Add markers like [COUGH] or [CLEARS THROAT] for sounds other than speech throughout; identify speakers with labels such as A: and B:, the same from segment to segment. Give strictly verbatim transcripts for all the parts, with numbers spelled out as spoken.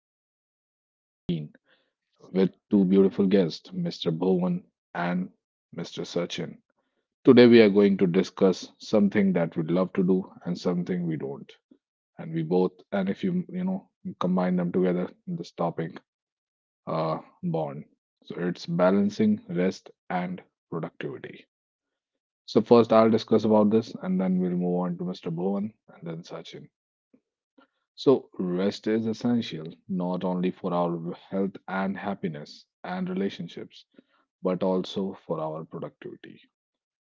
A: This is your host, Naveen, with two beautiful guests, mister Bhuvan and mister Sachin. Today, we are going to discuss something that we love to do and something we don't. And we both, and if you, you know, combine them together, this topic, uh, bond. So it's balancing rest and productivity. So first, I'll discuss about this, and then we'll move on to mister Bhuvan and then Sachin. So, rest is essential not only for our health and happiness and relationships, but also for our productivity.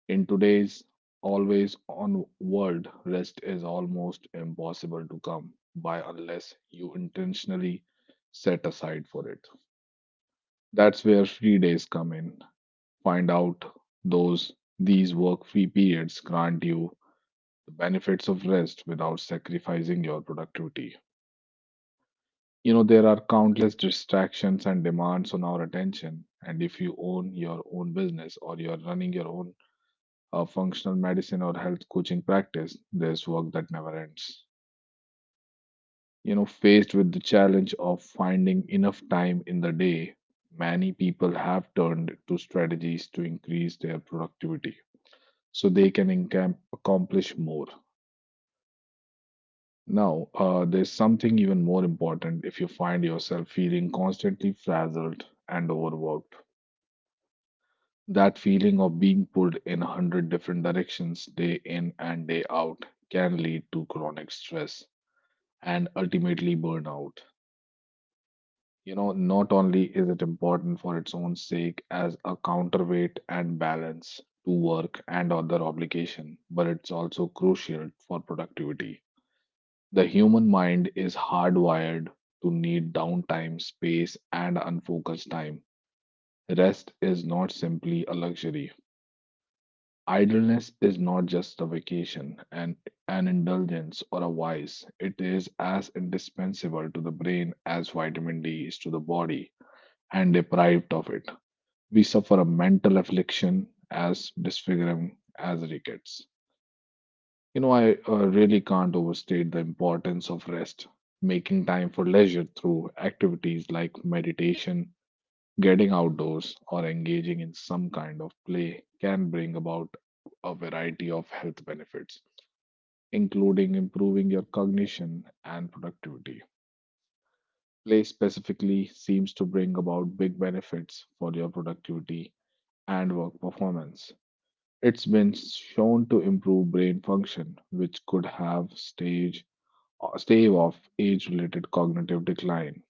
A: In today's always on world, rest is almost impossible to come by unless you intentionally set aside for it. That's where free days come in. Find out those these work free periods grant you the benefits of rest without sacrificing your productivity. You know, there are countless distractions and demands on our attention. And if you own your own business or you're running your own uh, functional medicine or health coaching practice, there's work that never ends. You know, faced with the challenge of finding enough time in the day, many people have turned to strategies to increase their productivity so they can encamp- accomplish more. Now, uh, there's something even more important if you find yourself feeling constantly frazzled and overworked. That feeling of being pulled in a hundred different directions day in and day out can lead to chronic stress and ultimately burnout. You know, not only is it important for its own sake as a counterweight and balance to work and other obligation, but it's also crucial for productivity. The human mind is hardwired to need downtime, space, and unfocused time. Rest is not simply a luxury. Idleness is not just a vacation and an indulgence or a vice. It is as indispensable to the brain as vitamin D is to the body, and deprived of it, we suffer a mental affliction as disfiguring as rickets. You know, I uh, really can't overstate the importance of rest, making time for leisure through activities like meditation. Getting outdoors or engaging in some kind of play can bring about a variety of health benefits, including improving your cognition and productivity. Play specifically seems to bring about big benefits for your productivity and work performance. It's been shown to improve brain function, which could have stage stave off age-related cognitive decline.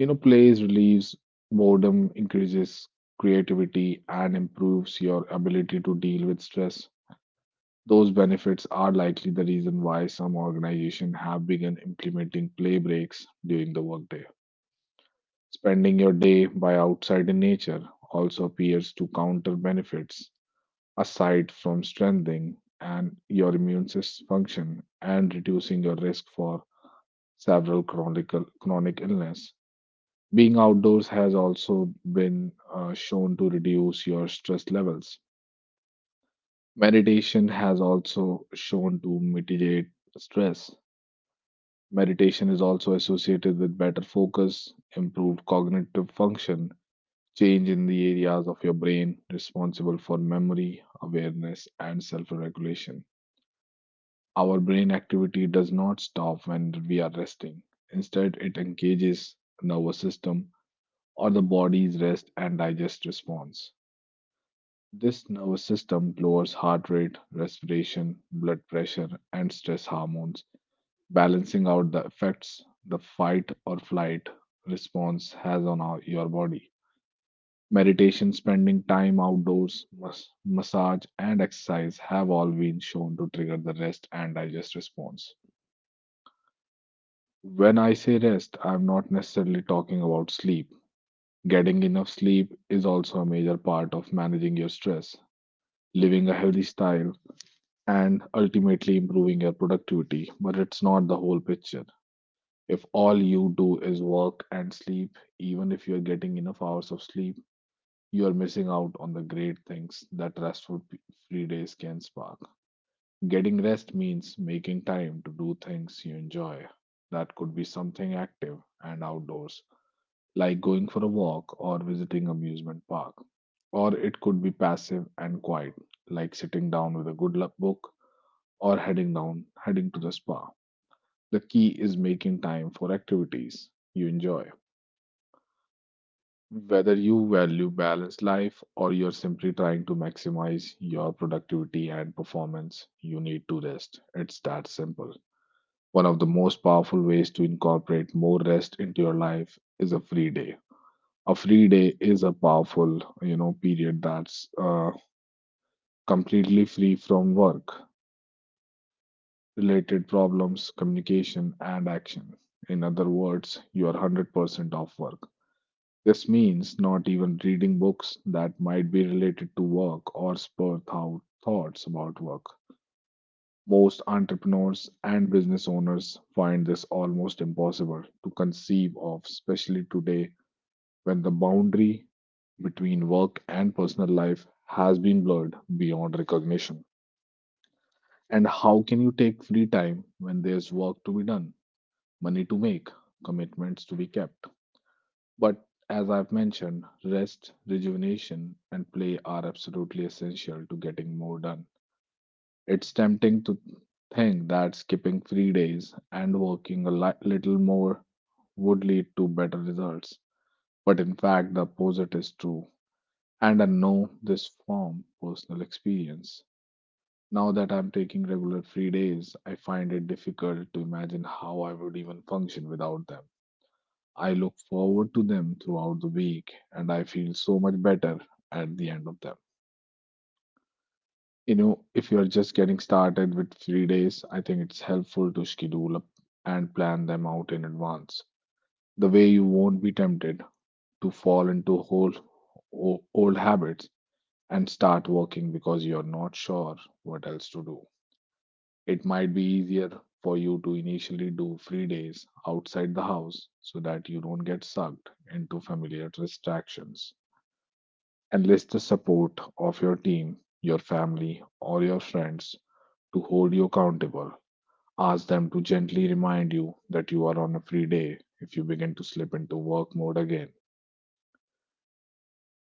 A: You know, plays relieves boredom, increases creativity, and improves your ability to deal with stress. Those benefits are likely the reason why some organizations have begun implementing play breaks during the workday. Spending your day by outside in nature also appears to counter benefits aside from strengthening and your immune system function and reducing your risk for several chronic chronic illness. Being outdoors has also been uh, shown to reduce your stress levels. Meditation has also shown to mitigate stress. Meditation is also associated with better focus, improved cognitive function, change in the areas of your brain responsible for memory, awareness, and self regulation. Our brain activity does not stop when we are resting. Instead, it engages the nervous system or the body's rest and digest response. This nervous system lowers heart rate, respiration, blood pressure, and stress hormones, balancing out the effects the fight or flight response has on our, your body. Meditation, spending time outdoors, mas- massage, and exercise have all been shown to trigger the rest and digest response. When I say rest, I'm not necessarily talking about sleep. Getting enough sleep is also a major part of managing your stress. Living a healthy style. And ultimately improving your productivity. But it's not the whole picture. If all you do is work and sleep, even if you're getting enough hours of sleep, you are missing out on the great things that restful p- free days can spark. Getting rest means making time to do things you enjoy. That could be something active and outdoors, like going for a walk or visiting amusement park. Or it could be passive and quiet, like sitting down with a good lu- book or heading down, heading to the spa. The key is making time for activities you enjoy. Whether you value balanced life or you're simply trying to maximize your productivity and performance, you need to rest. It's that simple. One of the most powerful ways to incorporate more rest into your life is a free day. A free day is a powerful, you know, period that's uh, completely free from work. Related problems, communication, and action. In other words, you are one hundred percent off work. This means not even reading books that might be related to work or spur thou- thoughts about work. Most entrepreneurs and business owners find this almost impossible to conceive of, especially today when the boundary between work and personal life has been blurred beyond recognition. And how can you take free time when there's work to be done? Money to make, commitments to be kept. But as I've mentioned, rest, rejuvenation, and play are absolutely essential to getting more done. It's tempting to think that skipping three days and working a li- little more would lead to better results. But in fact, the opposite is true. And I know this from personal experience. Now that I'm taking regular free days, I find it difficult to imagine how I would even function without them. I look forward to them throughout the week and I feel so much better at the end of them. You know, if you're just getting started with free days, I think it's helpful to schedule up and plan them out in advance. The way you won't be tempted to fall into whole o- old habits and start working because you're not sure what else to do. It might be easier for you to initially do free days outside the house so that you don't get sucked into familiar distractions. Enlist the support of your team, your family, or your friends to hold you accountable. Ask them to gently remind you that you are on a free day if you begin to slip into work mode again.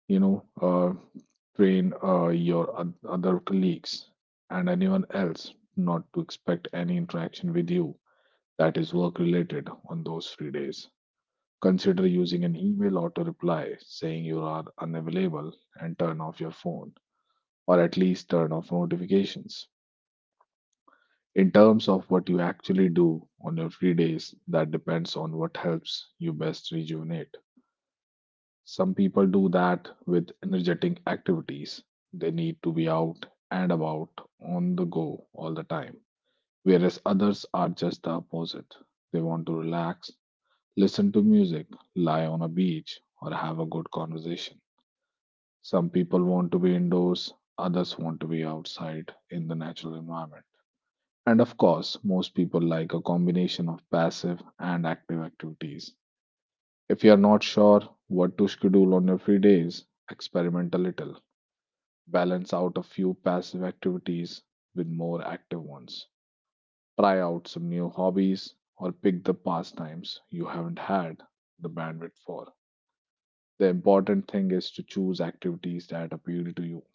A: You know, uh, train uh, your oth- other colleagues and anyone else not to expect any interaction with you that is work related on those free days. Consider using an email auto reply saying you are unavailable and turn off your phone, or at least turn off notifications. In terms of what you actually do on your free days, that depends on what helps you best rejuvenate. Some people do that with energetic activities. They need to be out and about on the go all the time, whereas others are just the opposite. They want to relax, listen to music, lie on a beach, or have a good conversation. Some people want to be indoors, others want to be outside in the natural environment. And of course, most people like a combination of passive and active activities. If you are not sure what to schedule on your free days, experiment a little. Balance out a few passive activities with more active ones. Try out some new hobbies or pick the pastimes you haven't had the bandwidth for. The important thing is to choose activities that appeal to you.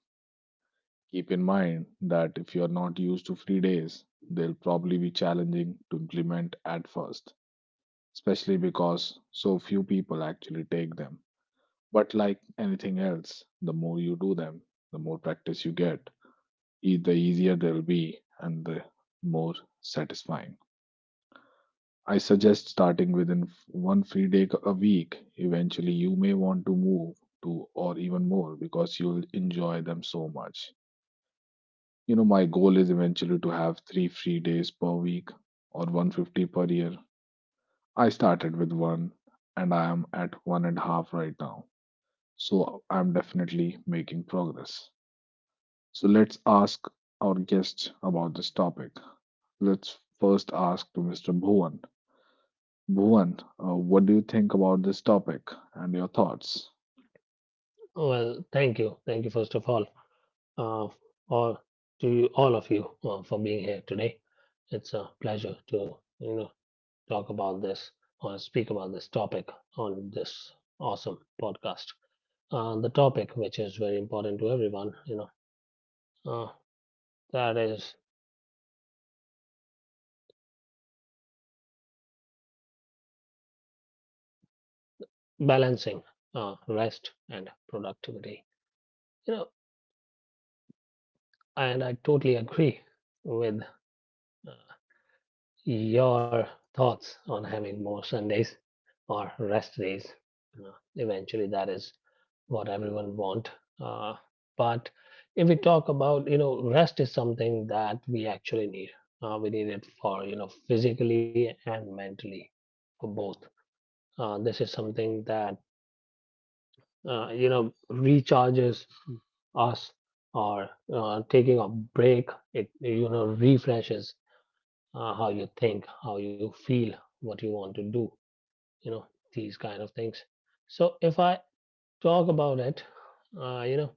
A: Keep in mind that if you are not used to free days, they'll probably be challenging to implement at first, especially because so few people actually take them. But like anything else, the more you do them, the more practice you get, e- the easier they'll be and the more satisfying. I suggest starting within f- one free day c- a week. Eventually, you may want to move to or even more because you'll enjoy them so much. You know, my goal is eventually to have three free days per week or one hundred fifty per year. I started with one and I am at one and a half right now, so I'm definitely making progress. So let's ask our guest about this topic. Let's first ask to mister Bhuvan. Bhuvan, uh, what do you think about this topic and your thoughts?
B: Well, thank you. Thank you, first of all, uh, all to you, all of you uh, for being here today. It's a pleasure to, you know, talk about this or speak about this topic on this awesome podcast. Uh, the topic, which is very important to everyone, you know, uh, that is balancing uh, rest and productivity. You know, and I totally agree with uh, your thoughts on having more Sundays or rest days. Uh, Eventually, that is what everyone want. Uh, but if we talk about, you know, rest is something that we actually need. Uh, we need it for, you know, physically and mentally for both. Uh, this is something that, uh, you know, recharges us or uh, taking a break. It, you know, refreshes uh, how you think, how you feel, what you want to do, you know, these kind of things. So if I talk about it, uh, you know,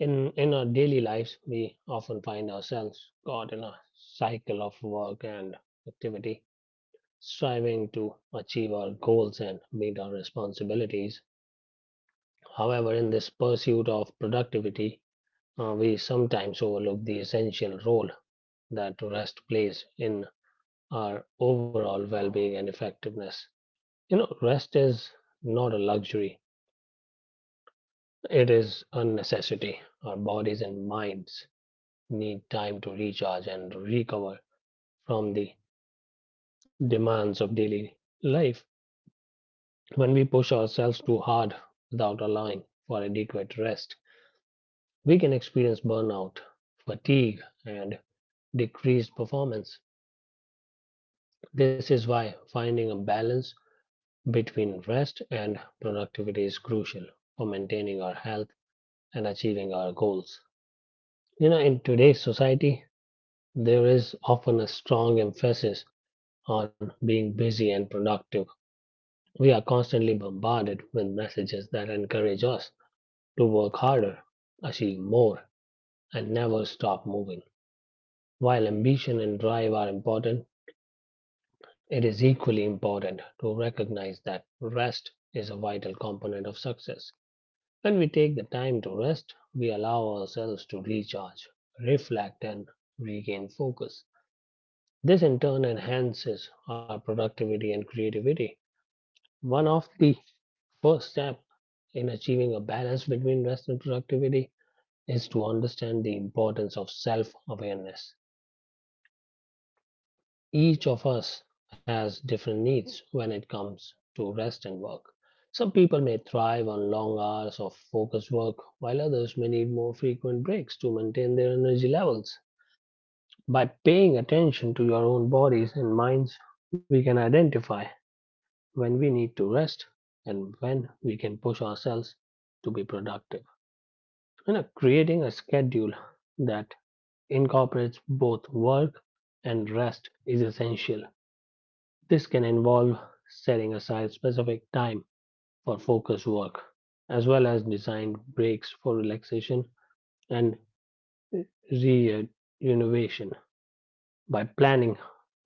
B: in in our daily lives, we often find ourselves caught in a cycle of work and activity, striving to achieve our goals and meet our responsibilities. However, in this pursuit of productivity, uh, we sometimes overlook the essential role that rest plays in our overall well-being and effectiveness. You know, rest is not a luxury; it is a necessity. Our bodies and minds need time to recharge and recover from the demands of daily life. When we push ourselves too hard without allowing for adequate rest, we can experience burnout, fatigue, and decreased performance. This is why finding a balance between rest and productivity is crucial for maintaining our health and achieving our goals. You know, in today's society, there is often a strong emphasis on being busy and productive. We are constantly bombarded with messages that encourage us to work harder, achieve more, and never stop moving. While ambition and drive are important, it is equally important to recognize that rest is a vital component of success. When we take the time to rest, we allow ourselves to recharge, reflect, and regain focus. This in turn enhances our productivity and creativity. One of the first step in achieving a balance between rest and productivity is to understand the importance of self awareness. Each of us has different needs when it comes to rest and work. Some people may thrive on long hours of focused work, while others may need more frequent breaks to maintain their energy levels. By paying attention to your own bodies and minds, we can identify when we need to rest and when we can push ourselves to be productive. you know, creating a schedule that incorporates both work and rest is essential. This can involve setting aside specific time for focus work, as well as designed breaks for relaxation and rejuvenation. By planning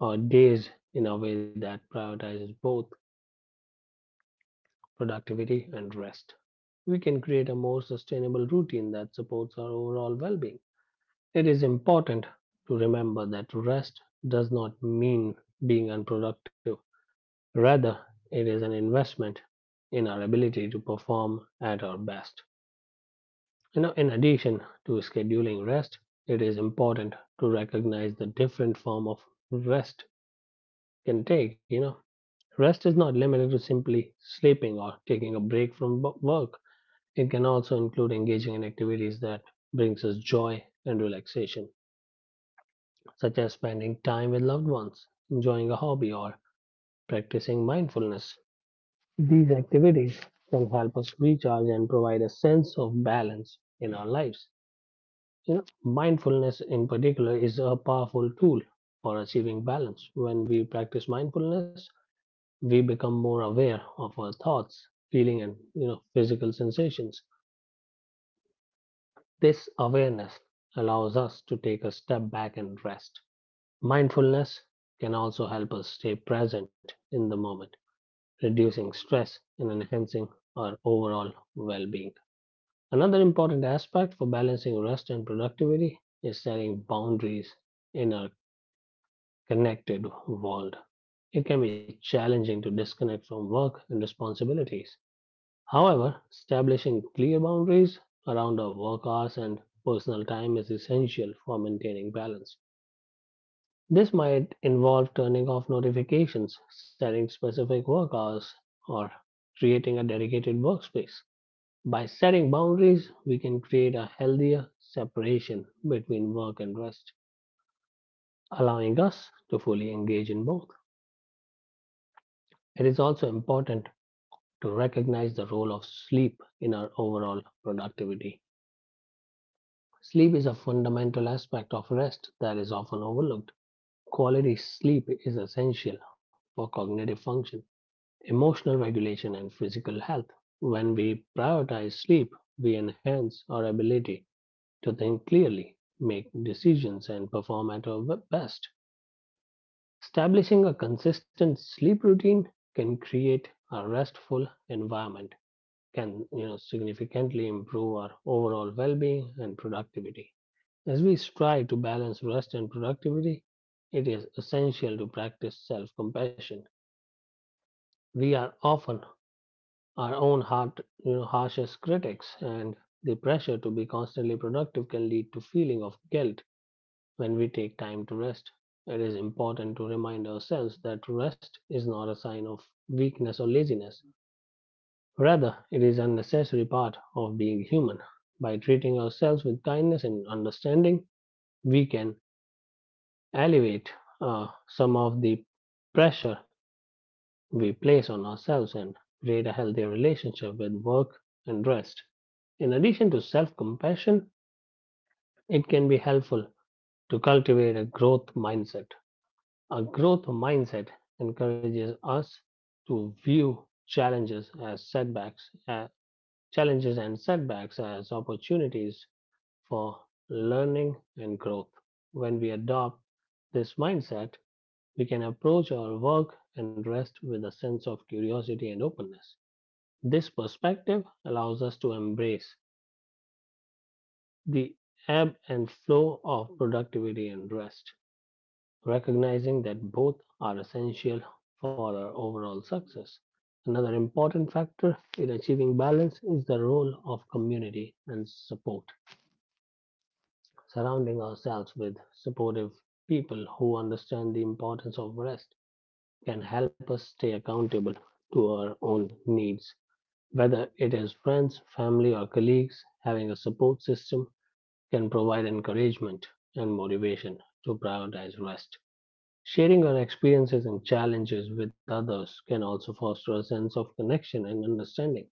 B: our days in a way that prioritizes both productivity and rest, we can create a more sustainable routine that supports our overall well being. It is important to remember that rest does not mean being unproductive. Rather, it is an investment in our ability to perform at our best. You know, in addition to scheduling rest, it is important to recognize the different form of rest can take, you know. Rest is not limited to simply sleeping or taking a break from work. It can also include engaging in activities that brings us joy and relaxation, such as spending time with loved ones, enjoying a hobby, or practicing mindfulness. These activities can help us recharge and provide a sense of balance in our lives. You know, mindfulness in particular is a powerful tool for achieving balance. When we practice mindfulness, we become more aware of our thoughts, feeling and you know physical sensations. This awareness allows us to take a step back and rest. Mindfulness can also help us stay present in the moment, reducing stress and enhancing our overall well being. Another important aspect for balancing rest and productivity is setting boundaries in our connected world. It can be challenging to disconnect from work and responsibilities. However, establishing clear boundaries around our work hours and personal time is essential for maintaining balance. This might involve turning off notifications, setting specific work hours, or creating a dedicated workspace. By setting boundaries, we can create a healthier separation between work and rest, allowing us to fully engage in both. It is also important to recognize the role of sleep in our overall productivity. Sleep is a fundamental aspect of rest that is often overlooked. Quality sleep is essential for cognitive function, emotional regulation, and physical health. When we prioritize sleep, we enhance our ability to think clearly, make decisions, and perform at our best. Establishing a consistent sleep routine can create a restful environment, can you know, significantly improve our overall well being and productivity. As we strive to balance rest and productivity, it is essential to practice self compassion. We are often our own heart, you know, harshest critics, and the pressure to be constantly productive can lead to feeling of guilt when we take time to rest. It is important to remind ourselves that rest is not a sign of weakness or laziness. Rather, it is a necessary part of being human. By treating ourselves with kindness and understanding, we can alleviate uh, some of the pressure. We place on ourselves and create a healthy relationship with work and rest. In addition to self compassion, it can be helpful to cultivate a growth mindset. A growth mindset encourages us to view challenges as setbacks, uh, challenges and setbacks as opportunities for learning and growth. When we adopt this mindset, we can approach our work and rest with a sense of curiosity and openness. This perspective allows us to embrace the ebb and flow of productivity and rest, recognizing that both are essential for our overall success. Another important factor in achieving balance is the role of community and support. Surrounding ourselves with supportive people who understand the importance of rest can help us stay accountable to our own needs. Whether it is friends, family, or colleagues, having a support system can provide encouragement and motivation to prioritize rest. Sharing our experiences and challenges with others can also foster a sense of connection and understanding,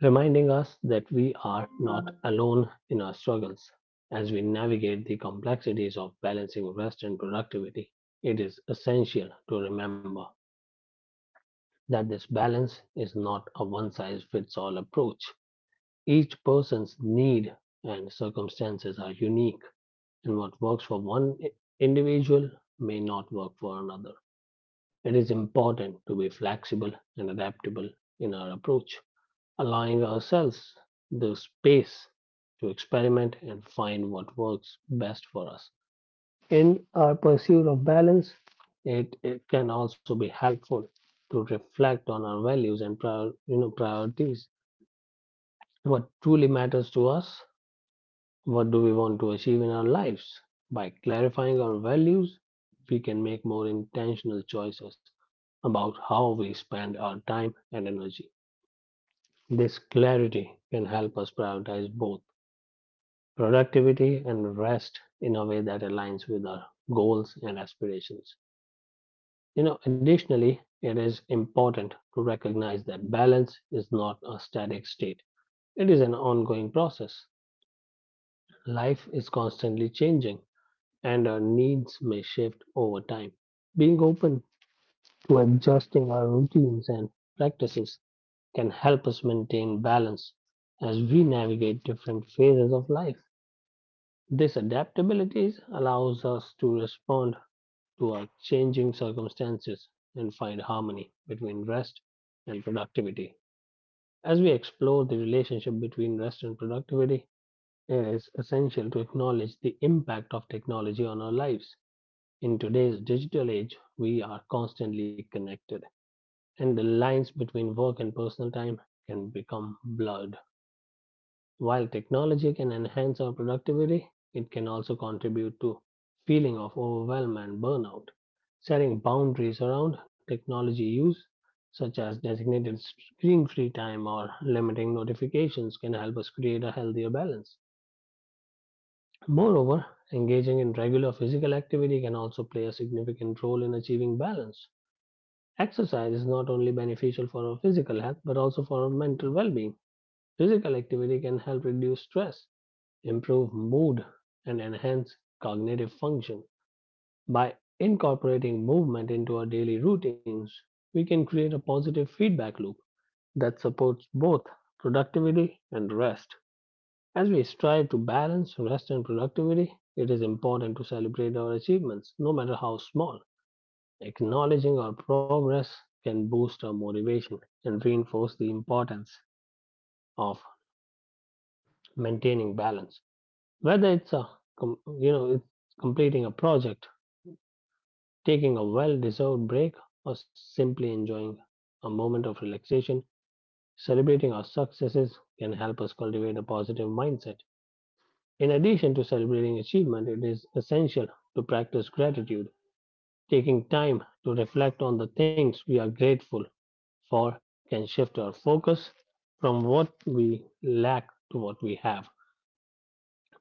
B: reminding us that we are not alone in our struggles. As we navigate the complexities of balancing rest and productivity, it is essential to remember that this balance is not a one size fits all approach. Each person's need and circumstances are unique, and what works for one i- individual may not work for another. It is important to be flexible and adaptable in our approach, allowing ourselves the space to experiment and find what works best for us. In our pursuit of balance, it, it can also be helpful to reflect on our values and prior, you know, priorities, what truly matters to us. What do we want to achieve in our lives? By clarifying our values, we can make more intentional choices about how we spend our time and energy. This clarity can help us prioritize both productivity and rest in a way that aligns with our goals and aspirations. You know, additionally, it is important to recognize that balance is not a static state, it is an ongoing process. Life is constantly changing, and our needs may shift over time. Being open to adjusting our routines and practices can help us maintain balance as we navigate different phases of life. This adaptability allows us to respond to our changing circumstances and find harmony between rest and productivity. As we explore the relationship between rest and productivity, it is essential to acknowledge the impact of technology on our lives. In today's digital age, we are constantly connected, and the lines between work and personal time can become blurred. While technology can enhance our productivity, it can also contribute to feeling of overwhelm and burnout. Setting boundaries around technology use, such as designated screen-free time or limiting notifications, can help us create a healthier balance. Moreover, engaging in regular physical activity can also play a significant role in achieving balance. Exercise is not only beneficial for our physical health but also for our mental well being. Physical activity can help reduce stress, improve mood, and enhance cognitive function. By incorporating movement into our daily routines, we can create a positive feedback loop that supports both productivity and rest. As we strive to balance rest and productivity, it is important to celebrate our achievements, no matter how small. Acknowledging our progress can boost our motivation and reinforce the importance of maintaining balance. Whether it's a com- you know it's completing a project, taking a well-deserved break, or simply enjoying a moment of relaxation, celebrating our successes can help us cultivate a positive mindset. In addition to celebrating achievement, it is essential to practice gratitude, taking time to reflect on the things we are grateful for can shift our focus from what we lack to what we have.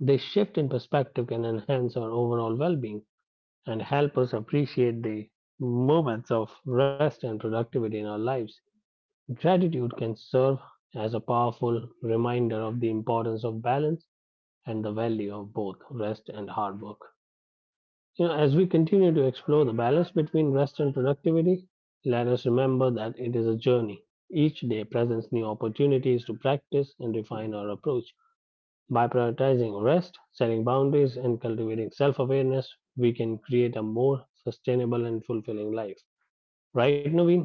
B: This shift in perspective can enhance our overall well being and help us appreciate the moments of rest and productivity in our lives. Gratitude can serve as a powerful reminder of the importance of balance and the value of both rest and hard work. You know, as we continue to explore the balance between rest and productivity, let us remember that it is a journey. Each day presents new opportunities to practice and refine our approach. By prioritizing rest, setting boundaries, and cultivating self awareness, we can create a more sustainable and fulfilling life. Right, Naveen?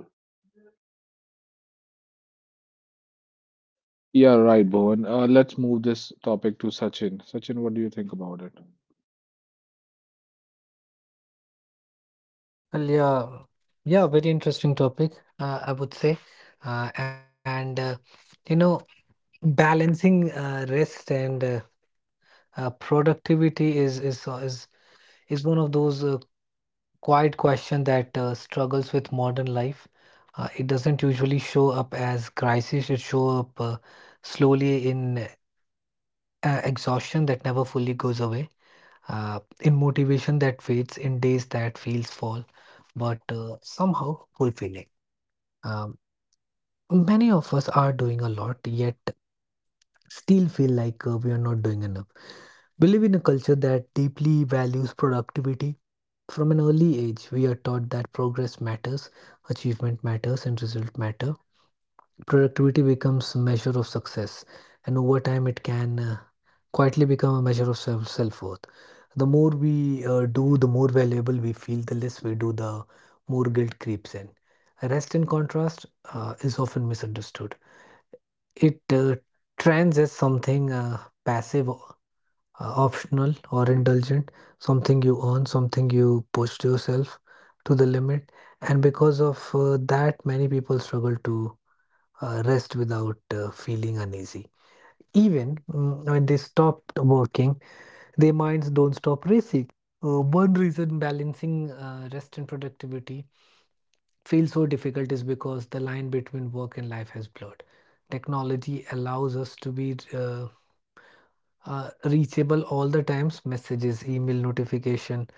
A: Yeah, right, Bhuvan. Uh, let's move this topic to Sachin. Sachin, what do you think about it?
C: Well, yeah, yeah, very interesting topic, uh, I would say. Uh, and, uh, you know, Balancing uh, rest and uh, uh, productivity is, is, uh, is, is one of those uh, quiet questions that uh, struggles with modern life. Uh, it doesn't usually show up as crisis, it show up uh, slowly in uh, exhaustion that never fully goes away, uh, in motivation that fades, in days that feels fall, but uh, somehow fulfilling. Um, Many of us are doing a lot, yet still feel like uh, we are not doing enough. We live in a culture that deeply values productivity. From an early age, we are taught that progress matters, achievement matters, and result matter productivity becomes a measure of success, and over time, it can uh, quietly become a measure of self self worth. The more we uh, do, the more valuable we feel, the less we do, the more guilt creeps in. Rest, in contrast, uh, is often misunderstood. It uh, trends as something uh, passive, uh, optional, or indulgent, something you earn, something you pushed yourself to the limit. And because of uh, that, many people struggle to uh, rest without uh, feeling uneasy. Even mm, when they stopped working, their minds don't stop racing. Uh, one reason balancing uh, rest and productivity feels so difficult is because the line between work and life has blurred. Technology allows us to be uh, uh, reachable all the times, messages, email notification.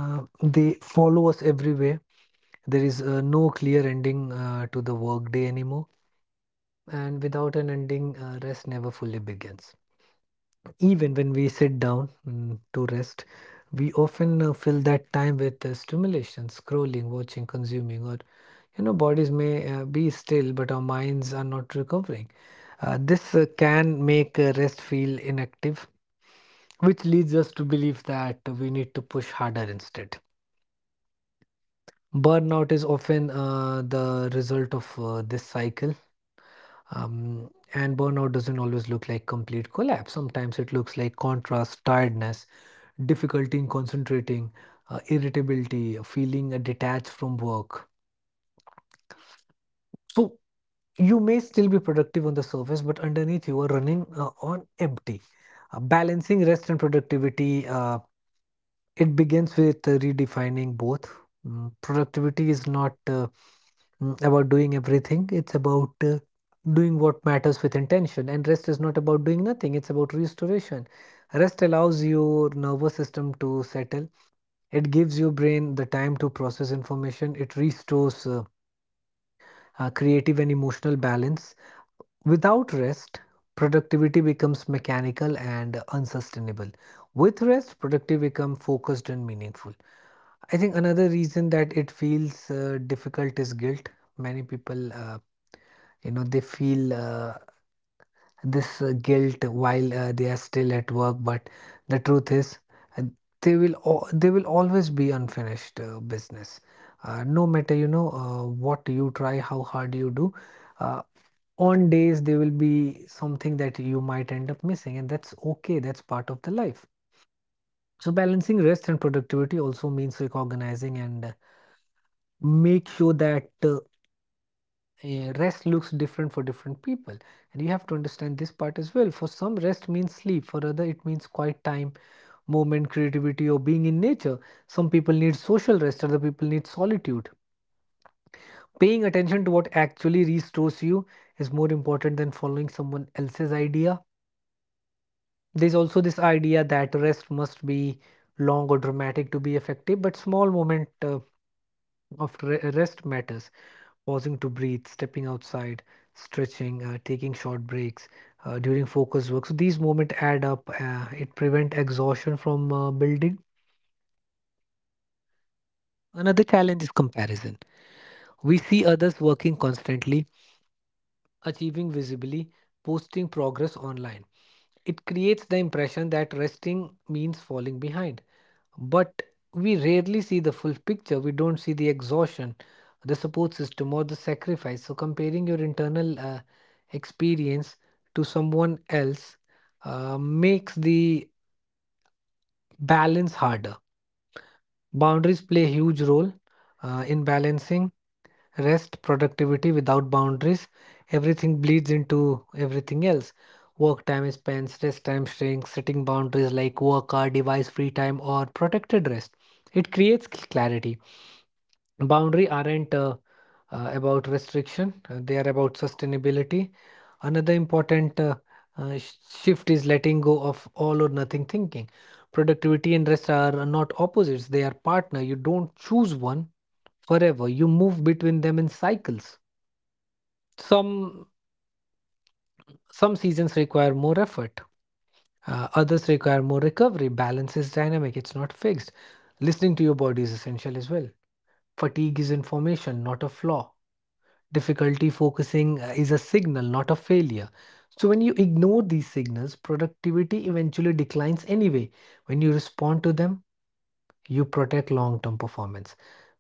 C: Uh, they follow us everywhere. There is uh, no clear ending uh, to the workday anymore, and without an ending, uh, rest never fully begins. Even when we sit down mm, to rest, we often uh, fill that time with uh, stimulation, scrolling, watching, consuming, or you know, bodies may uh, be still, but our minds are not recovering. Uh, this uh, can make uh, rest feel inactive, which leads us to believe that we need to push harder instead. Burnout is often uh, the result of uh, this cycle. Um, and burnout doesn't always look like complete collapse. Sometimes it looks like contrast, tiredness, difficulty in concentrating, uh, irritability, feeling uh, detached from work. So you may still be productive on the surface, but underneath you are running uh, on empty. Uh, balancing rest and productivity, uh, it begins with uh, redefining both. Mm, productivity is not uh, mm, about doing everything, it's about uh, doing what matters with intention. And rest is not about doing nothing, it's about restoration. Rest allows your nervous system to settle. It gives your brain the time to process information. It restores uh, uh, creative and emotional balance. Without rest, productivity becomes mechanical and unsustainable. With rest, productivity becomes focused and meaningful. I think another reason that it feels uh, difficult is guilt. Many people, uh, you know, they feel uh, this uh, guilt while uh, they are still at work, but the truth is, uh, they will al- they will always be unfinished uh, business, uh, no matter you know uh, what you try, how hard you do uh, on days there will be something that you might end up missing, and that's okay, that's part of the life. So balancing rest and productivity also means recognizing and uh, make sure that uh, uh, rest looks different for different people, and you have to understand this part as well. For some, rest means sleep, for other it means quiet time, movement, creativity, or being in nature. Some people need social rest, other people need solitude. Paying attention to what actually restores you is more important than following someone else's idea. There's also this idea that rest must be long or dramatic to be effective, but small moment uh, of re- rest matters. Pausing to breathe, stepping outside, stretching, uh, taking short breaks uh, during focus work. So these moments add up. Uh, it prevent exhaustion from uh, building. Another challenge is comparison. We see others working constantly, achieving visibly, posting progress online. It creates the impression that resting means falling behind. But we rarely see the full picture. We don't see the exhaustion, the support system, or the sacrifice. So, comparing your internal uh, experience to someone else uh, makes the balance harder. Boundaries play a huge role uh, in balancing rest, productivity. Without boundaries, everything bleeds into everything else. Work time is spent, stress time shrinks, setting boundaries like work hour, device free time, or protected rest. It creates cl- clarity. Boundary aren't uh, uh, about restriction, uh, they are about sustainability. Another important uh, uh, sh- shift is letting go of all or nothing thinking. Productivity and rest are not opposites, they are partner. You don't choose one forever, you move between them in cycles. Some some seasons require more effort, uh, others require more recovery. Balance is dynamic, it's not fixed. Listening to your body is essential as well. Fatigue is information, not a flaw. Difficulty focusing uh, is a signal, not a failure. So, when you ignore these signals, productivity eventually declines anyway. When you respond to them, you protect long term performance.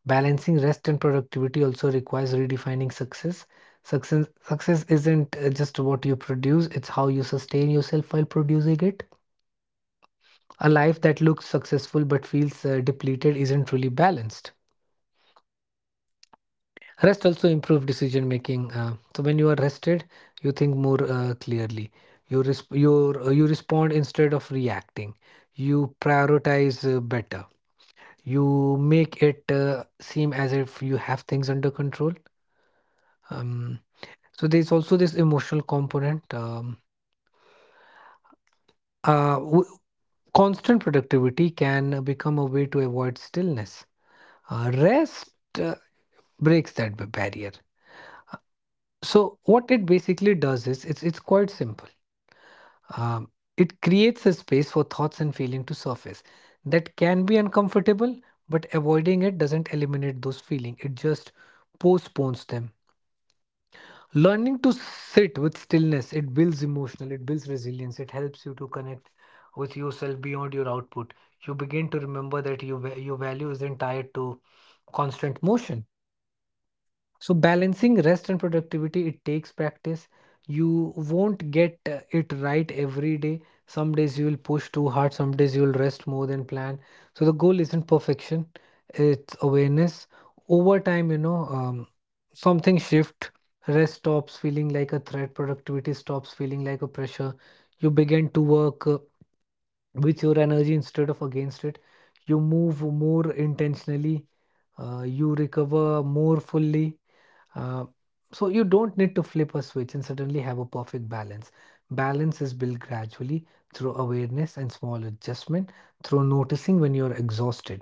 C: Balancing rest and productivity also requires redefining success. Success, success isn't uh, just what you produce, it's how you sustain yourself while producing it. A life that looks successful but feels uh, depleted isn't really balanced. Rest also improves decision making. Uh, so when you are rested, you think more uh, clearly. You resp- you uh, you respond instead of reacting. You prioritize uh, better. You make it uh, seem as if you have things under control. Um, so there's also this emotional component. Um, uh, w- Constant productivity can become a way to avoid stillness. Uh, rest uh, breaks that b- barrier. So what it basically does is it's it's quite simple. Um, it creates a space for thoughts and feeling to surface that can be uncomfortable, but avoiding it doesn't eliminate those feelings, it just postpones them. Learning to sit with stillness, it builds emotional, it builds resilience, it helps you to connect with yourself beyond your output. You begin to remember that your, va- your value isn't tied to constant motion. So balancing rest and productivity, it takes practice. You won't get uh, it right every day. Some days you will push too hard, some days you will rest more than planned. So the goal isn't perfection, it's awareness. Over time, you know, um, something shift. Rest stops feeling like a threat, productivity stops feeling like a pressure. You begin to work uh, with your energy instead of against it. You move more intentionally, uh, you recover more fully, uh, so you don't need to flip a switch and suddenly have a perfect balance. Balance is built gradually through awareness and small adjustment, through noticing when you're exhausted,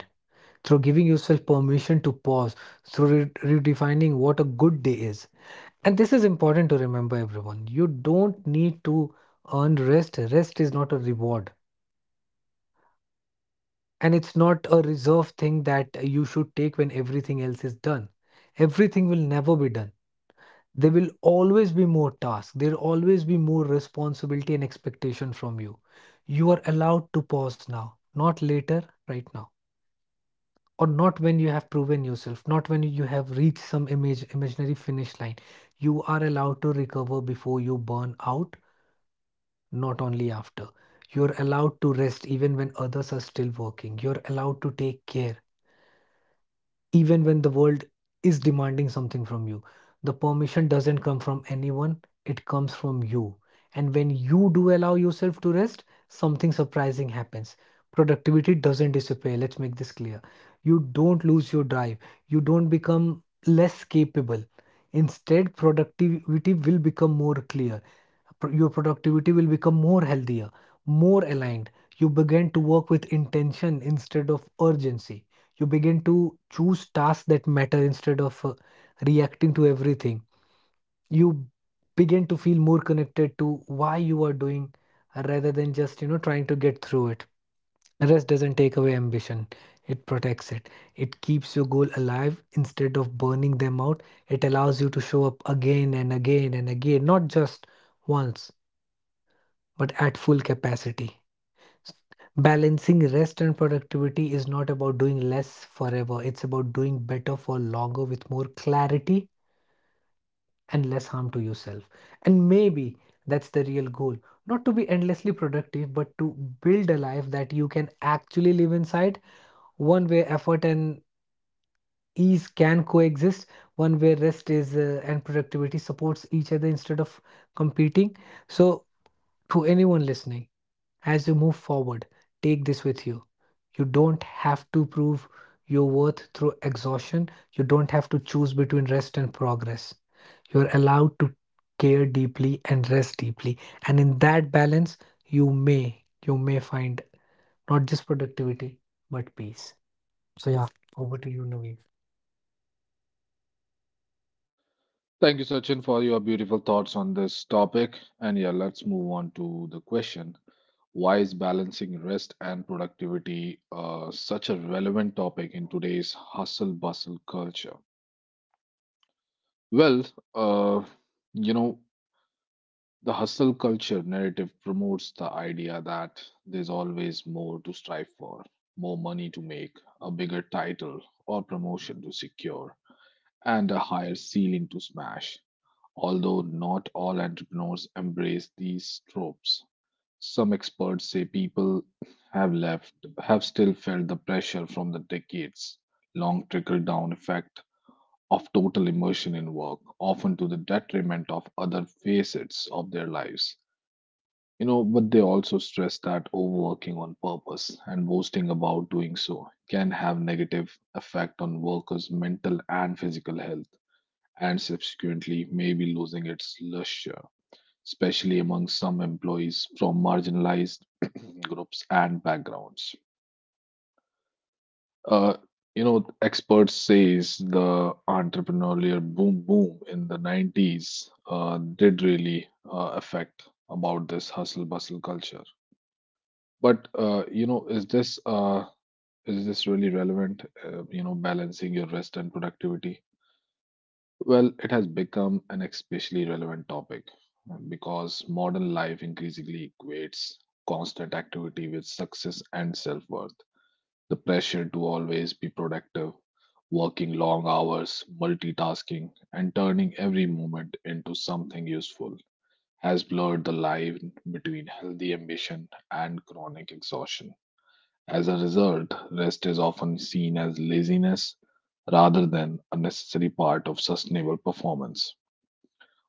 C: through giving yourself permission to pause, through re- redefining what a good day is. And this is important to remember, everyone. You don't need to earn rest. Rest is not a reward, and it's not a reserve thing that you should take when everything else is done. Everything will never be done. There will always be more tasks, there'll always be more responsibility and expectation from you. You are allowed to pause now, not later, right now, or not when you have proven yourself, not when you have reached some image imaginary finish line. You are allowed to recover before you burn out, not only after. You're allowed to rest even when others are still working, you're allowed to take care even when the world is demanding something from you. The permission doesn't come from anyone, it comes from you. And when you do allow yourself to rest, something surprising happens. Productivity doesn't disappear. Let's make this clear. You don't lose your drive, you don't become less capable. Instead, productivity will become more clear. Pro- Your productivity will become more healthier, more aligned. You begin to work with intention instead of urgency. You begin to choose tasks that matter instead of uh, reacting to everything. You begin to feel more connected to why you are doing, uh, rather than just you know trying to get through it. Rest doesn't take away ambition, it protects it. It keeps your goal alive instead of burning them out. It allows you to show up again and again and again, not just once, but at full capacity. Balancing rest and productivity is not about doing less forever. It's about doing better for longer with more clarity and less harm to yourself. And maybe that's the real goal. Not to be endlessly productive, but to build a life that you can actually live inside, one where effort and ease can coexist, one where rest is uh, and productivity supports each other instead of competing. So to anyone listening, as you move forward, take this with you. You don't have to prove your worth through exhaustion. You don't have to choose between rest and progress. You're allowed to care deeply and rest deeply. And in that balance, you may, you may find not just productivity, but peace. So yeah, over to you, Naveen.
A: Thank you, Sachin, for your beautiful thoughts on this topic. And yeah, let's move on to the question. Why is balancing rest and productivity uh, such a relevant topic in today's hustle bustle culture? Well, uh, you know, the hustle culture narrative promotes the idea that there's always more to strive for, more money to make, a bigger title or promotion to secure, and a higher ceiling to smash. Although not all entrepreneurs embrace these tropes, some experts say people have left have still felt the pressure from the decades long trickle down effect of total immersion in work, often to the detriment of other facets of their lives. You know, but they also stress that overworking on purpose and boasting about doing so can have negative effect on workers' mental and physical health and subsequently maybe losing its luster especially among some employees from marginalized [COUGHS] [CLEARS THROAT] groups and backgrounds. Uh, you know, experts says the entrepreneurial boom boom in the nineties uh, did really uh, affect about this hustle bustle culture. But uh, you know, is this uh, is this really relevant? Uh, you know, balancing your rest and productivity. Well, it has become an especially relevant topic uh, because modern life increasingly equates constant activity with success and self worth. The pressure to always be productive, working long hours, multitasking, and turning every moment into something useful has blurred the line between healthy ambition and chronic exhaustion. As a result, rest is often seen as laziness rather than a necessary part of sustainable performance.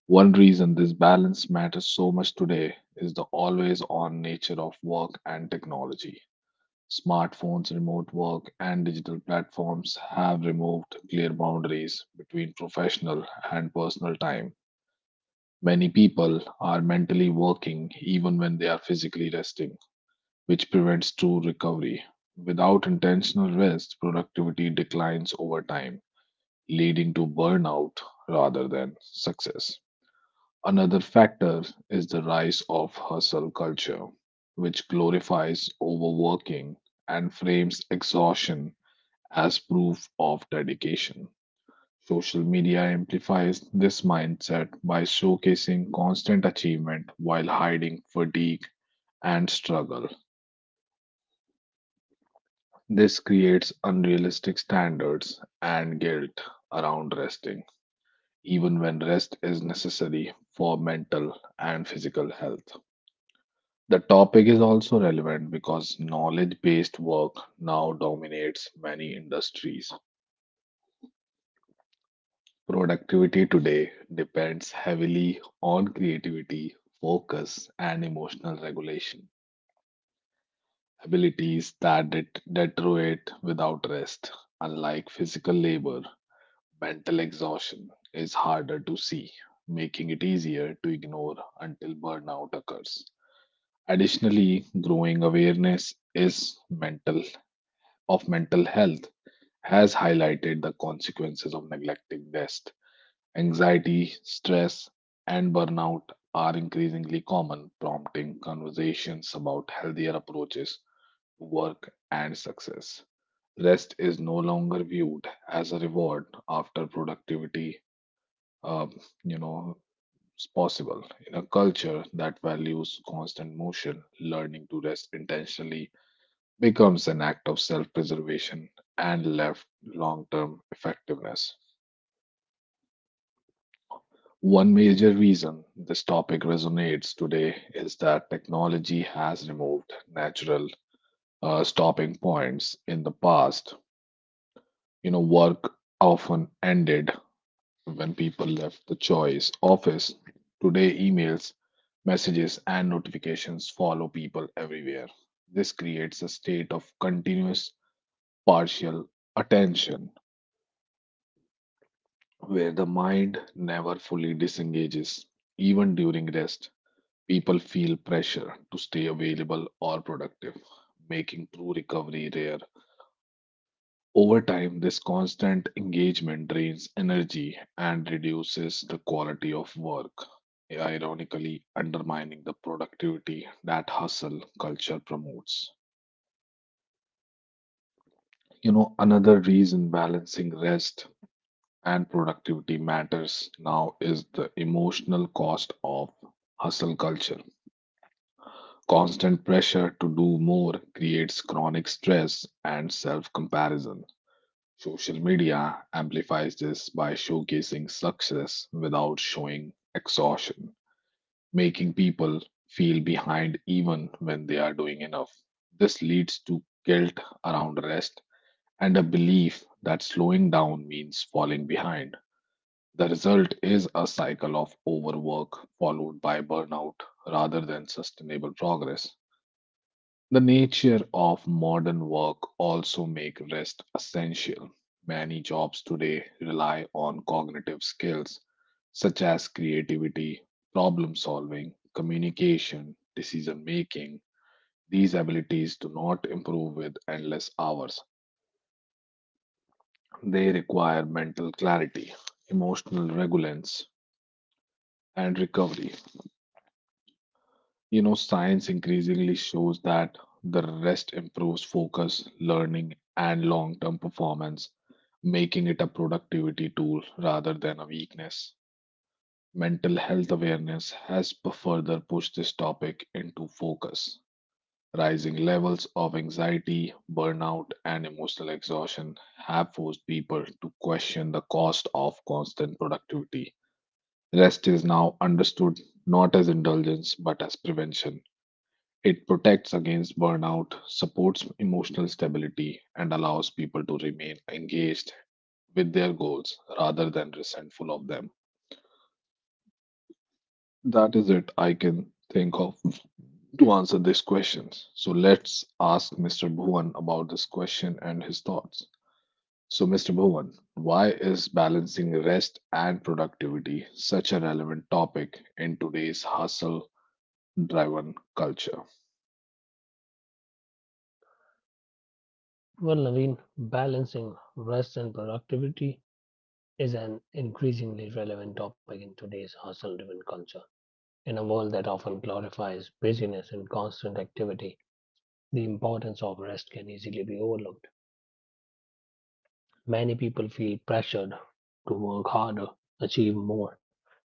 A: One reason this balance matters so much today is the always on nature of work and technology. Smartphones, remote work, and digital platforms have removed clear boundaries between professional and personal time. Many people are mentally working even when they are physically resting, which prevents true recovery. Without intentional rest, productivity declines over time, leading to burnout rather than success. Another factor is the rise of hustle culture, which glorifies overworking and frames exhaustion as proof of dedication. Social media amplifies this mindset by showcasing constant achievement while hiding fatigue and struggle. This creates unrealistic standards and guilt around resting, even when rest is necessary for mental and physical health. The topic is also relevant because knowledge based work now dominates many industries. Productivity today depends heavily on creativity, focus, and emotional regulation, abilities that det- deteriorate without rest. Unlike physical labor, mental exhaustion is harder to see, making it easier to ignore until burnout occurs. Additionally, growing awareness is mental of mental health has highlighted the consequences of neglecting rest. Anxiety, stress, and burnout are increasingly common, prompting conversations about healthier approaches to work and success. Rest is no longer viewed as a reward after productivity, um, you know, is possible. In a culture that values constant motion, learning to rest intentionally becomes an act of self preservation and left long term effectiveness. One major reason this topic resonates today is that technology has removed natural uh, stopping points in the past. You know, work often ended when people left the choice office. Today, emails, messages, and notifications follow people everywhere. This creates a state of continuous partial attention where the mind never fully disengages, even during rest. People feel pressure to stay available or productive, making true recovery rare. Over time, this constant engagement drains energy and reduces the quality of work, ironically, undermining the productivity that hustle culture promotes. You know, another reason balancing rest and productivity matters now is the emotional cost of hustle culture. Constant pressure to do more creates chronic stress and self comparison. Social media amplifies this by showcasing success without showing exhaustion, making people feel behind even when they are doing enough. This leads to guilt around rest and a belief that slowing down means falling behind. The result is a cycle of overwork followed by burnout rather than sustainable progress. The nature of modern work also makes rest essential. Many jobs today rely on cognitive skills such as creativity, problem solving, communication, decision making. These abilities do not improve with endless hours. They require mental clarity, emotional regulance, and recovery. You know, science increasingly shows that the rest improves focus, learning, and long term performance, making it a productivity tool rather than a weakness. Mental health awareness has p- further pushed this topic into focus. Rising levels of anxiety, burnout, and emotional exhaustion have forced people to question the cost of constant productivity. Rest is now understood not as indulgence but as prevention, it protects against burnout, supports emotional stability, and allows people to remain engaged with their goals rather than resentful of them. That is it I can think of to answer these questions. So let's ask mister Bhuvan about this question and his thoughts. So, mister Bhuvan, why is balancing rest and productivity such a relevant topic in today's hustle driven culture?
B: Well, Naveen, balancing rest and productivity is an increasingly relevant topic in today's hustle driven culture. In a world that often glorifies busyness and constant activity, the importance of rest can easily be overlooked. Many people feel pressured to work harder, achieve more,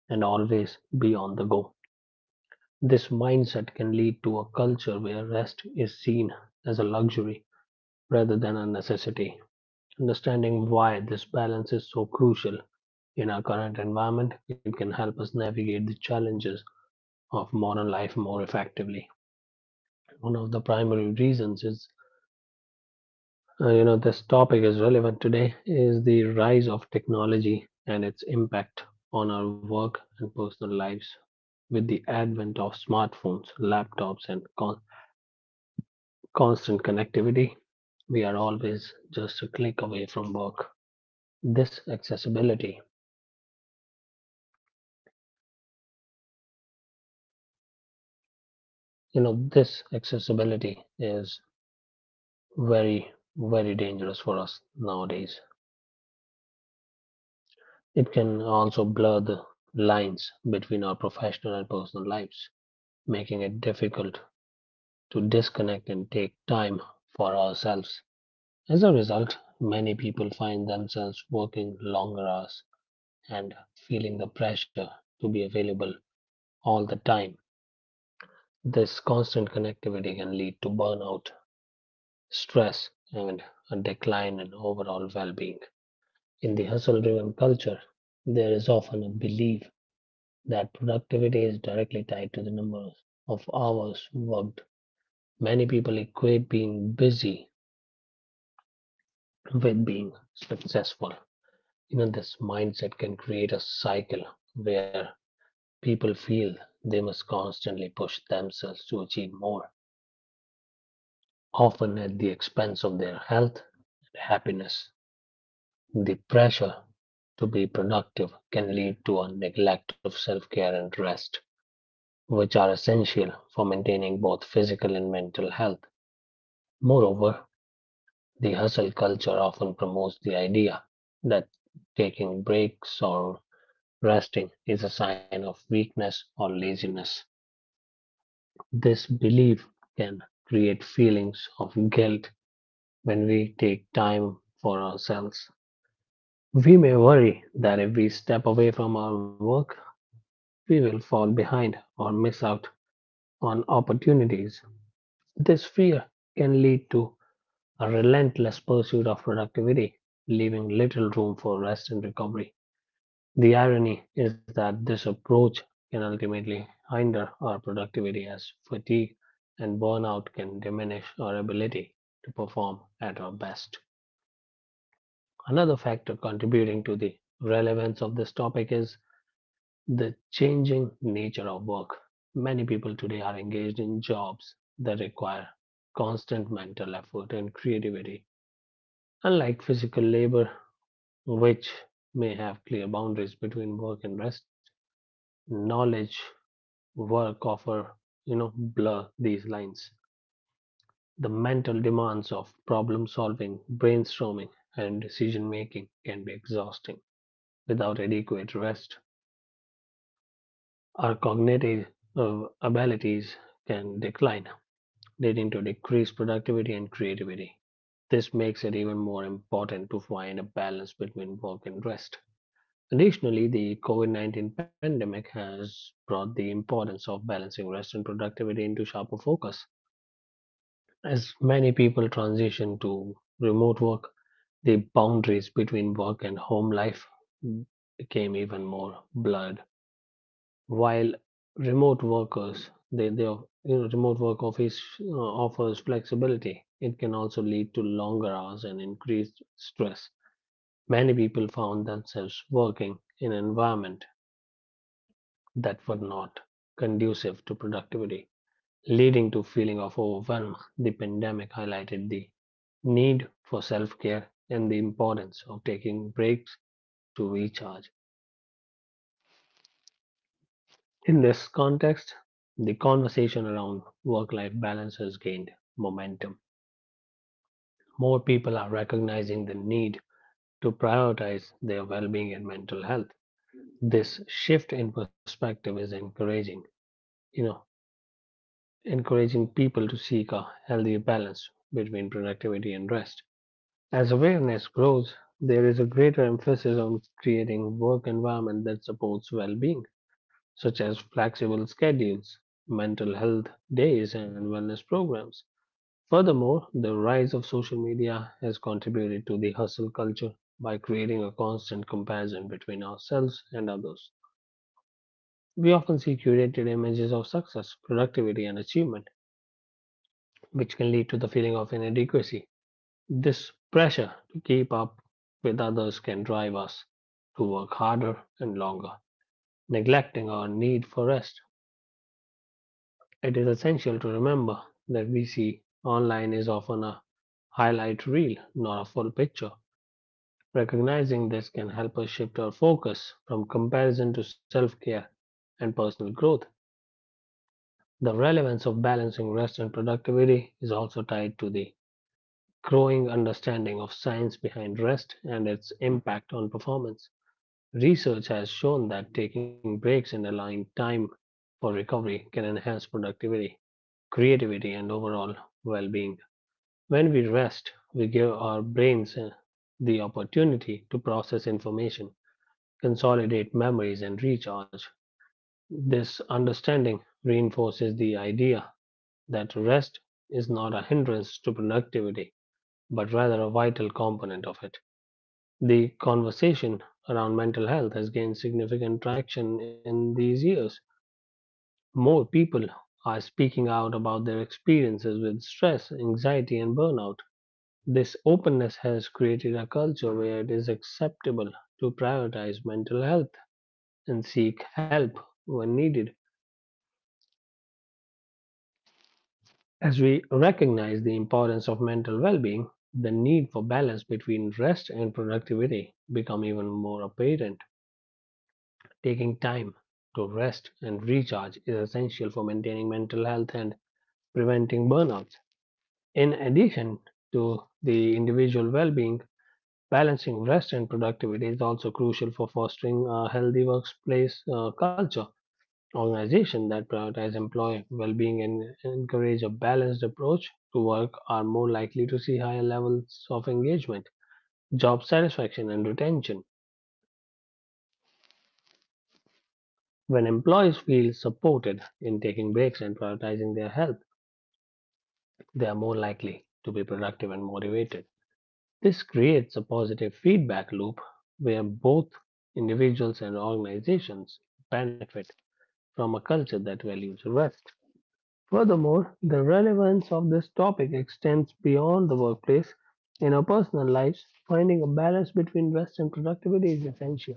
B: and always be on the go. This mindset can lead to a culture where rest is seen as a luxury rather than a necessity. Understanding why this balance is so crucial in our current environment, it can help us navigate the challenges of modern life more effectively. One of the primary reasons is uh, you know, this topic is relevant today is the rise of technology and its impact on our work and personal lives. With the advent of smartphones, laptops, and con- constant connectivity, we are always just a click away from work. This accessibility, you know, this accessibility is very, very dangerous for us nowadays. It can also blur the lines between our professional and personal lives, making it difficult to disconnect and take time for ourselves. As a result, many people find themselves working longer hours and feeling the pressure to be available all the time. This constant connectivity can lead to burnout, stress, and a decline in overall well being. In the hustle driven culture, there is often a belief that productivity is directly tied to the number of hours worked. Many people equate being busy with being successful. You know, this mindset can create a cycle where people feel they must constantly push themselves to achieve more, often at the expense of their health and happiness. The pressure to be productive can lead to a neglect of self care and rest, which are essential for maintaining both physical and mental health. Moreover, the hustle culture often promotes the idea that taking breaks or resting is a sign of weakness or laziness. This belief can create feelings of guilt when we take time for ourselves. We may worry that if we step away from our work, we will fall behind or miss out on opportunities. This fear can lead to a relentless pursuit of productivity, leaving little room for rest and recovery. The irony is that this approach can ultimately hinder our productivity, as fatigue and burnout can diminish our ability to perform at our best. Another factor contributing to the relevance of this topic is the changing nature of work. Many people today are engaged in jobs that require constant mental effort and creativity, unlike physical labor, which may have clear boundaries between work and rest. Knowledge work offer, you know, blur these lines. The mental demands of problem solving, brainstorming, and decision making can be exhausting. Without adequate rest, our cognitive uh, abilities can decline, leading to decreased productivity and creativity. This makes it even more important to find a balance between work and rest. Additionally, the COVID nineteen pandemic has brought the importance of balancing rest and productivity into sharper focus. As many people transition to remote work, the boundaries between work and home life became even more blurred. While remote workers, they, they are- you know, remote work office uh, offers flexibility. It can also lead to longer hours and increased stress. Many people found themselves working in an environment that were not conducive to productivity, leading to feeling of overwhelm. The pandemic highlighted the need for self-care and the importance of taking breaks to recharge. In this context, the conversation around work-life balance has gained momentum. More people are recognizing the need to prioritize their well-being and mental health. This shift in perspective is encouraging, you know, encouraging people to seek a healthy balance between productivity and rest. As awareness grows, there is a greater emphasis on creating work environment that supports well-being, such as flexible schedules, mental health days, and wellness programs. Furthermore, the rise of social media has contributed to the hustle culture by creating a constant comparison between ourselves and others. We often see curated images of success, productivity, and achievement, which can lead to the feeling of inadequacy. This pressure to keep up with others can drive us to work harder and longer, neglecting our need for rest. It is essential to remember that we see online is often a highlight reel, not a full picture. Recognizing this can help us shift our focus from comparison to self care and personal growth. The relevance of balancing rest and productivity is also tied to the growing understanding of science behind rest and its impact on performance. Research has shown that taking breaks and allowing time for recovery can enhance productivity, creativity, and overall well being. When we rest, we give our brains uh, the opportunity to process information, consolidate memories, and recharge. This understanding reinforces the idea that rest is not a hindrance to productivity, but rather a vital component of it. The conversation around mental health has gained significant traction in these years. More people are speaking out about their experiences with stress, anxiety, and burnout. This openness has created a culture where it is acceptable to prioritize mental health and seek help when needed. As we recognize the importance of mental well being, the need for balance between rest and productivity become even more apparent. Taking time to rest and recharge is essential for maintaining mental health and preventing burnout. In addition to the individual well being, balancing rest and productivity is also crucial for fostering a healthy workplace uh, culture. Organizations that prioritize employee well being and encourage a balanced approach to work are more likely to see higher levels of engagement, job satisfaction, and retention. When employees feel supported in taking breaks and prioritizing their health, they are more likely to be productive and motivated. This creates a positive feedback loop where both individuals and organizations benefit from a culture that values rest. Furthermore, the relevance of this topic extends beyond the workplace. In our personal lives, finding a balance between rest and productivity is essential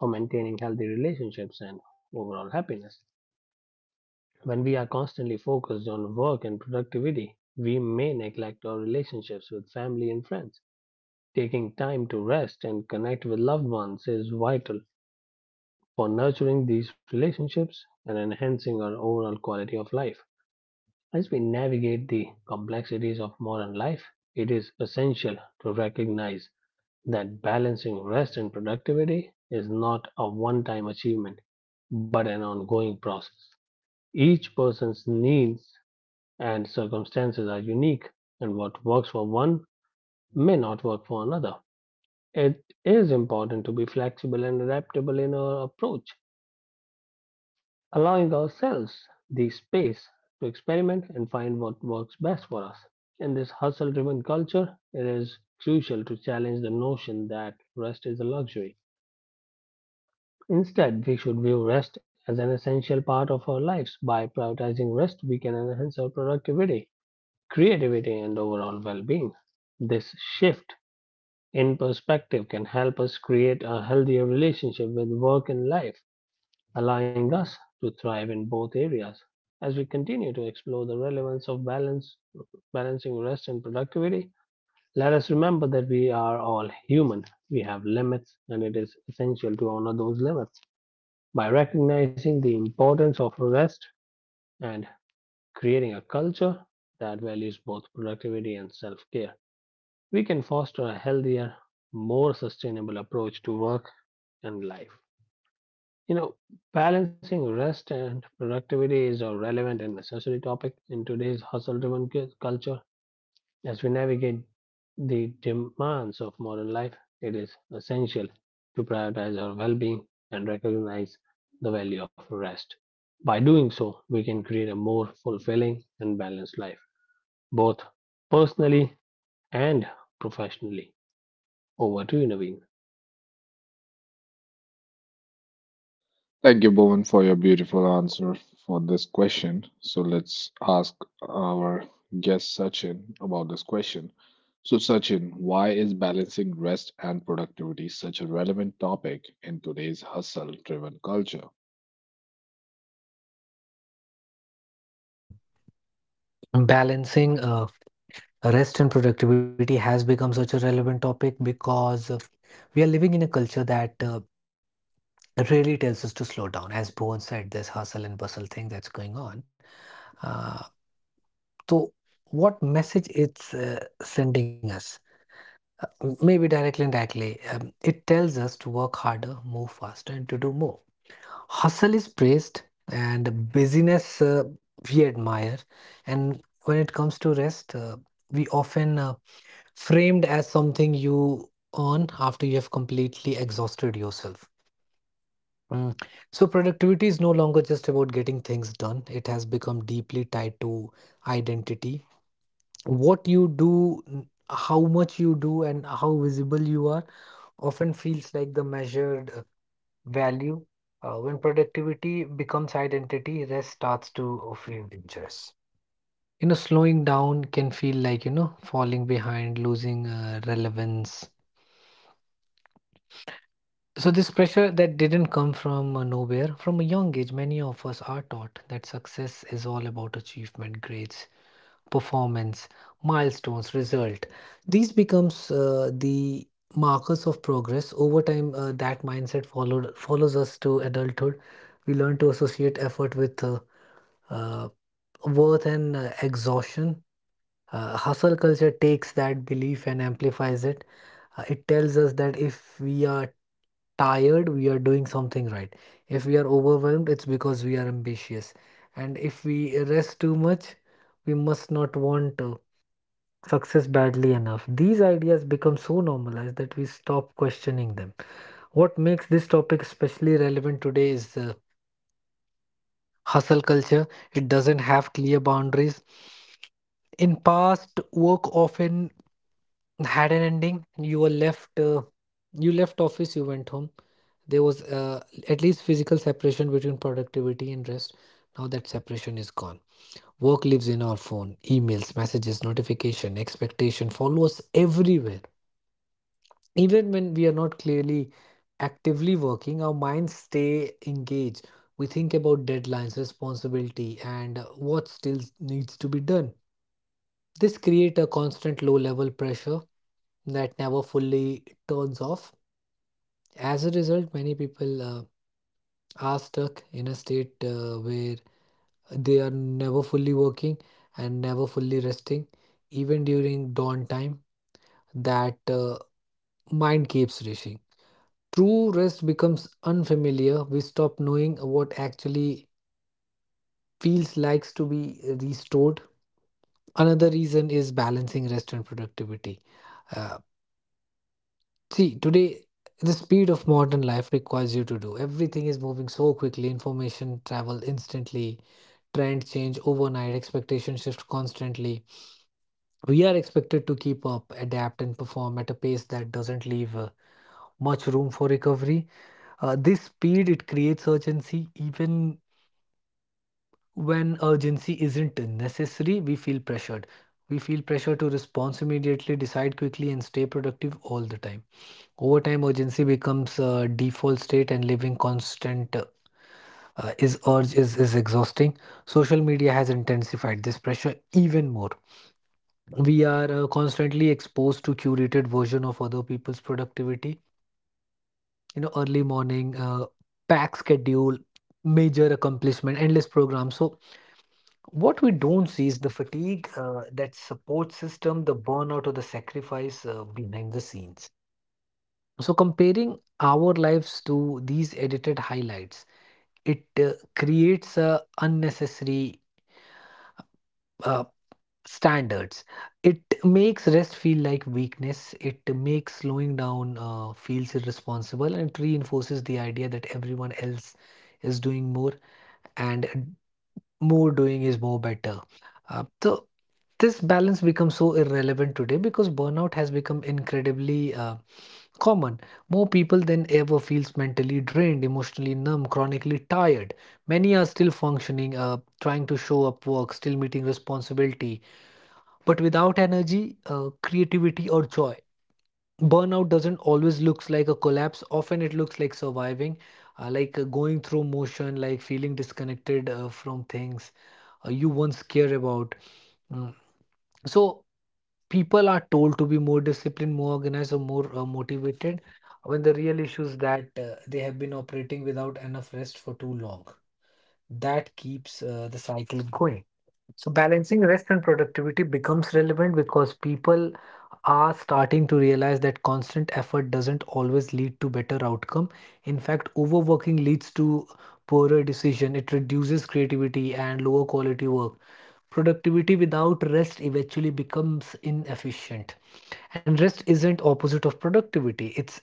B: for maintaining healthy relationships and overall happiness. When we are constantly focused on work and productivity, we may neglect our relationships with family and friends. Taking time to rest and connect with loved ones is vital for nurturing these relationships and enhancing our overall quality of life. As we navigate the complexities of modern life, it is essential to recognize that balancing rest and productivity is not a one time achievement, but an ongoing process. Each person's needs and circumstances are unique, and what works for one may not work for another. It is important to be flexible and adaptable in our approach, allowing ourselves the space to experiment and find what works best for us. In this hustle driven culture, it is crucial to challenge the notion that rest is a luxury. Instead, we should view rest as an essential part of our lives. By prioritizing rest, we can enhance our productivity, creativity, and overall well being. This shift in perspective can help us create a healthier relationship with work and life, allowing us to thrive in both areas. As we continue to explore the relevance of balance, balancing rest and productivity, let us remember that we are all human. We have limits, and it is essential to honor those limits. By recognizing the importance of rest and creating a culture that values both productivity and self care, we can foster a healthier, more sustainable approach to work and life. You know, balancing rest and productivity is a relevant and necessary topic in today's hustle driven culture. As we navigate the demands of modern life, it is essential to prioritize our well being and recognize the value of rest. By doing so, we can create a more fulfilling and balanced life, both personally and professionally. Over to you, Naveen.
A: Thank you, Bowen, for your beautiful answer for this question. So let's ask our guest Sachin about this question. So, Sachin, why is balancing rest and productivity such a relevant topic in today's hustle driven culture?
C: Well, um, Balancing uh, rest and productivity has become such a relevant topic because uh, we are living in a culture that uh, really tells us to slow down. As Bhuvan said, this hustle and bustle thing that's going on. Uh, so, what message it's uh, sending us? Maybe directly and directly, um, it tells us to work harder, move faster, and to do more. Hustle is praised, and busyness uh, we admire. And when it comes to rest, uh, we often uh, framed as something you earn after you have completely exhausted yourself. Mm. So, productivity is no longer just about getting things done, it has become deeply tied to identity. What you do, n- how much you do, and how visible you are often feels like the measured uh, value. Uh, when productivity becomes identity, rest starts to feel dangerous. You know, slowing down can feel like, you know, falling behind, losing uh, relevance. So this pressure that didn't come from uh, nowhere, from a young age, many of us are taught that success is all about achievement, grades, performance, milestones, result. These becomes uh, the markers of progress. Over time, uh, that mindset followed follows us to adulthood. We learn to associate effort with uh, uh, worth and uh, exhaustion. Uh, hustle culture takes that belief and amplifies it. Uh, it tells us that if we are tired, we are doing something right. If we are overwhelmed, it's because we are ambitious. And if we rest too much, we must not want to. Success badly enough. These ideas become so normalized that we stop questioning them. What makes this topic especially relevant today is the hustle culture. It doesn't have clear boundaries. In past, work often had an ending. You were left uh, you left office, you went home. There was uh, at least physical separation between productivity and rest. Now that separation is gone. Work lives in our phone, emails, messages, notification, expectation follow us everywhere, even when we are not clearly actively working, our minds stay engaged. We think about deadlines, responsibility, and what still needs to be done. This creates a constant low level pressure that never fully turns off. As a result, many people uh, are stuck in a state uh, where they are never fully working and never fully resting, even during dawn time. That uh, mind keeps racing. True rest becomes unfamiliar. We stop knowing what actually feels likes to be restored. Another reason is balancing rest and productivity. Uh, See, today the speed of modern life requires you to do everything is moving so quickly. Information travel instantly. Trend change overnight. Expectation shift constantly. We are expected to keep up, adapt, and perform at a pace that doesn't leave uh, much room for recovery. Uh, this speed it creates urgency even when urgency isn't necessary. We feel pressured. We feel pressure to respond immediately, decide quickly, and stay productive all the time. Over time, urgency becomes a default state, and living constant uh, is urge is, is exhausting. Social media has intensified this pressure even more. We are uh, constantly exposed to curated version of other people's productivity. You know, early morning, uh, packed schedule, major accomplishment, endless program. So what we don't see is the fatigue, uh, that support system, the burnout, or the sacrifice uh, behind the scenes. So, comparing our lives to these edited highlights, it uh, creates uh, unnecessary uh, standards. It makes rest feel like weakness. It makes slowing down uh, feels irresponsible, and it reinforces the idea that everyone else is doing more. And more doing is more better. Uh, so this balance becomes so irrelevant today because burnout has become incredibly uh, common. More people than ever feels mentally drained, emotionally numb, chronically tired. Many are still functioning, uh, trying to show up work, still meeting responsibility, but without energy, uh, creativity or joy. Burnout doesn't always looks like a collapse. Often it looks like surviving, uh, like uh, going through motion, like feeling disconnected uh, from things uh, you once care about. Mm. So people are told to be more disciplined, more organized, or more uh, motivated when the real issue is that uh, they have been operating without enough rest for too long. That keeps uh, the cycle going. So balancing rest and productivity becomes relevant because people are starting to realize that constant effort doesn't always lead to better outcome. In fact, overworking leads to poorer decision. It reduces creativity and lower quality work. Productivity without rest eventually becomes inefficient. And rest isn't opposite of productivity. It's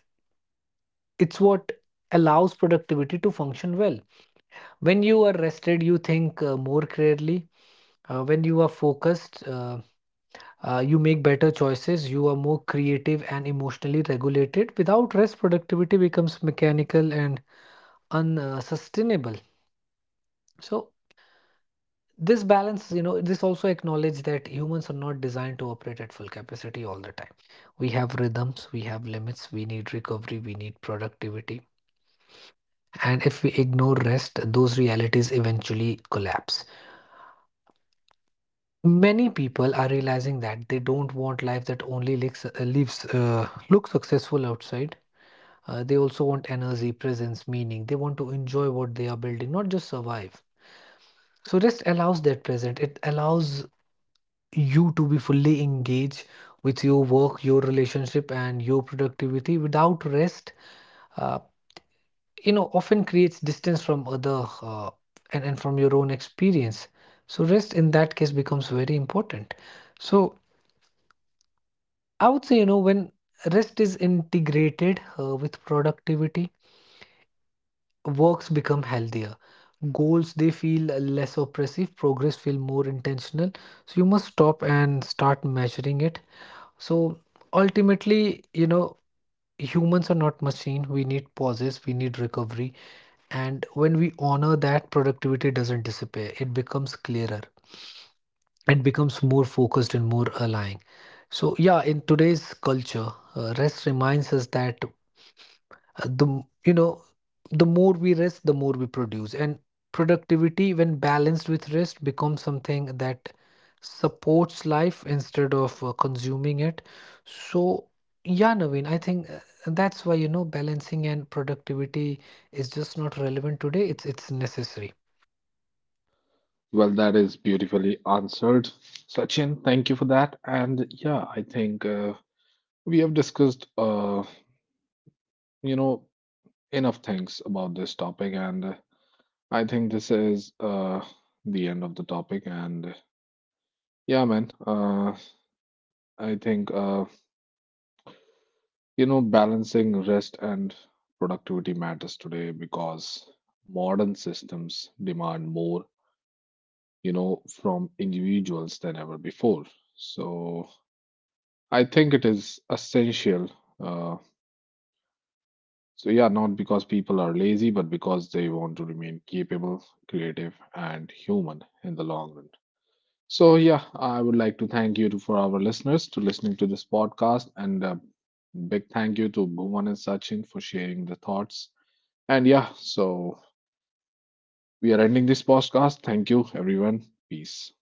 C: it's what allows productivity to function well. When you are rested, you think uh, more clearly. Uh, when you are focused, uh, uh, you make better choices, you are more creative and emotionally regulated. Without rest, productivity becomes mechanical and unsustainable. So, this balance, you know, this also acknowledge that humans are not designed to operate at full capacity all the time. We have rhythms, we have limits, we need recovery, we need productivity. And if we ignore rest, those realities eventually collapse. Many people are realizing that they don't want life that only looks, uh, lives, uh, looks successful outside. Uh, they also want energy, presence, meaning. They want to enjoy what they are building, not just survive. So rest allows that present. It allows you to be fully engaged with your work, your relationship, and your productivity. Without rest, uh, you know, often creates distance from other uh, and, and from your own experience. So rest in that case becomes very important. So I would say, you know, when rest is integrated uh, with productivity, works become healthier, goals they feel less oppressive, progress feel more intentional. So you must stop and start measuring it. So ultimately, you know, humans are not machine. We need pauses, we need recovery, and when we honor that, productivity doesn't disappear. It becomes clearer, it becomes more focused and more aligned. So yeah, in today's culture, uh, rest reminds us that uh, the m- you know, the more we rest, the more we produce, and productivity when balanced with rest becomes something that supports life instead of uh, consuming it. So yeah, Naveen, I think uh, that's why, you know, balancing and productivity is just not relevant today, it's it's necessary.
A: Well, that is beautifully answered. Sachin, thank you for that. And yeah, I think uh, we have discussed, uh, you know, enough things about this topic. And uh, I think this is uh, the end of the topic. And yeah, man. Uh, I think uh, you know balancing rest and productivity matters today because modern systems demand more, you know, from individuals than ever before. So I think it is essential. Uh, so yeah, not because people are lazy, but because they want to remain capable, creative, and human in the long run. So yeah, I would like to thank you to, for our listeners to listening to this podcast, and uh, big thank you to Bhuvan and Sachin for sharing the thoughts. And yeah, so we are ending this podcast. Thank you, everyone. Peace.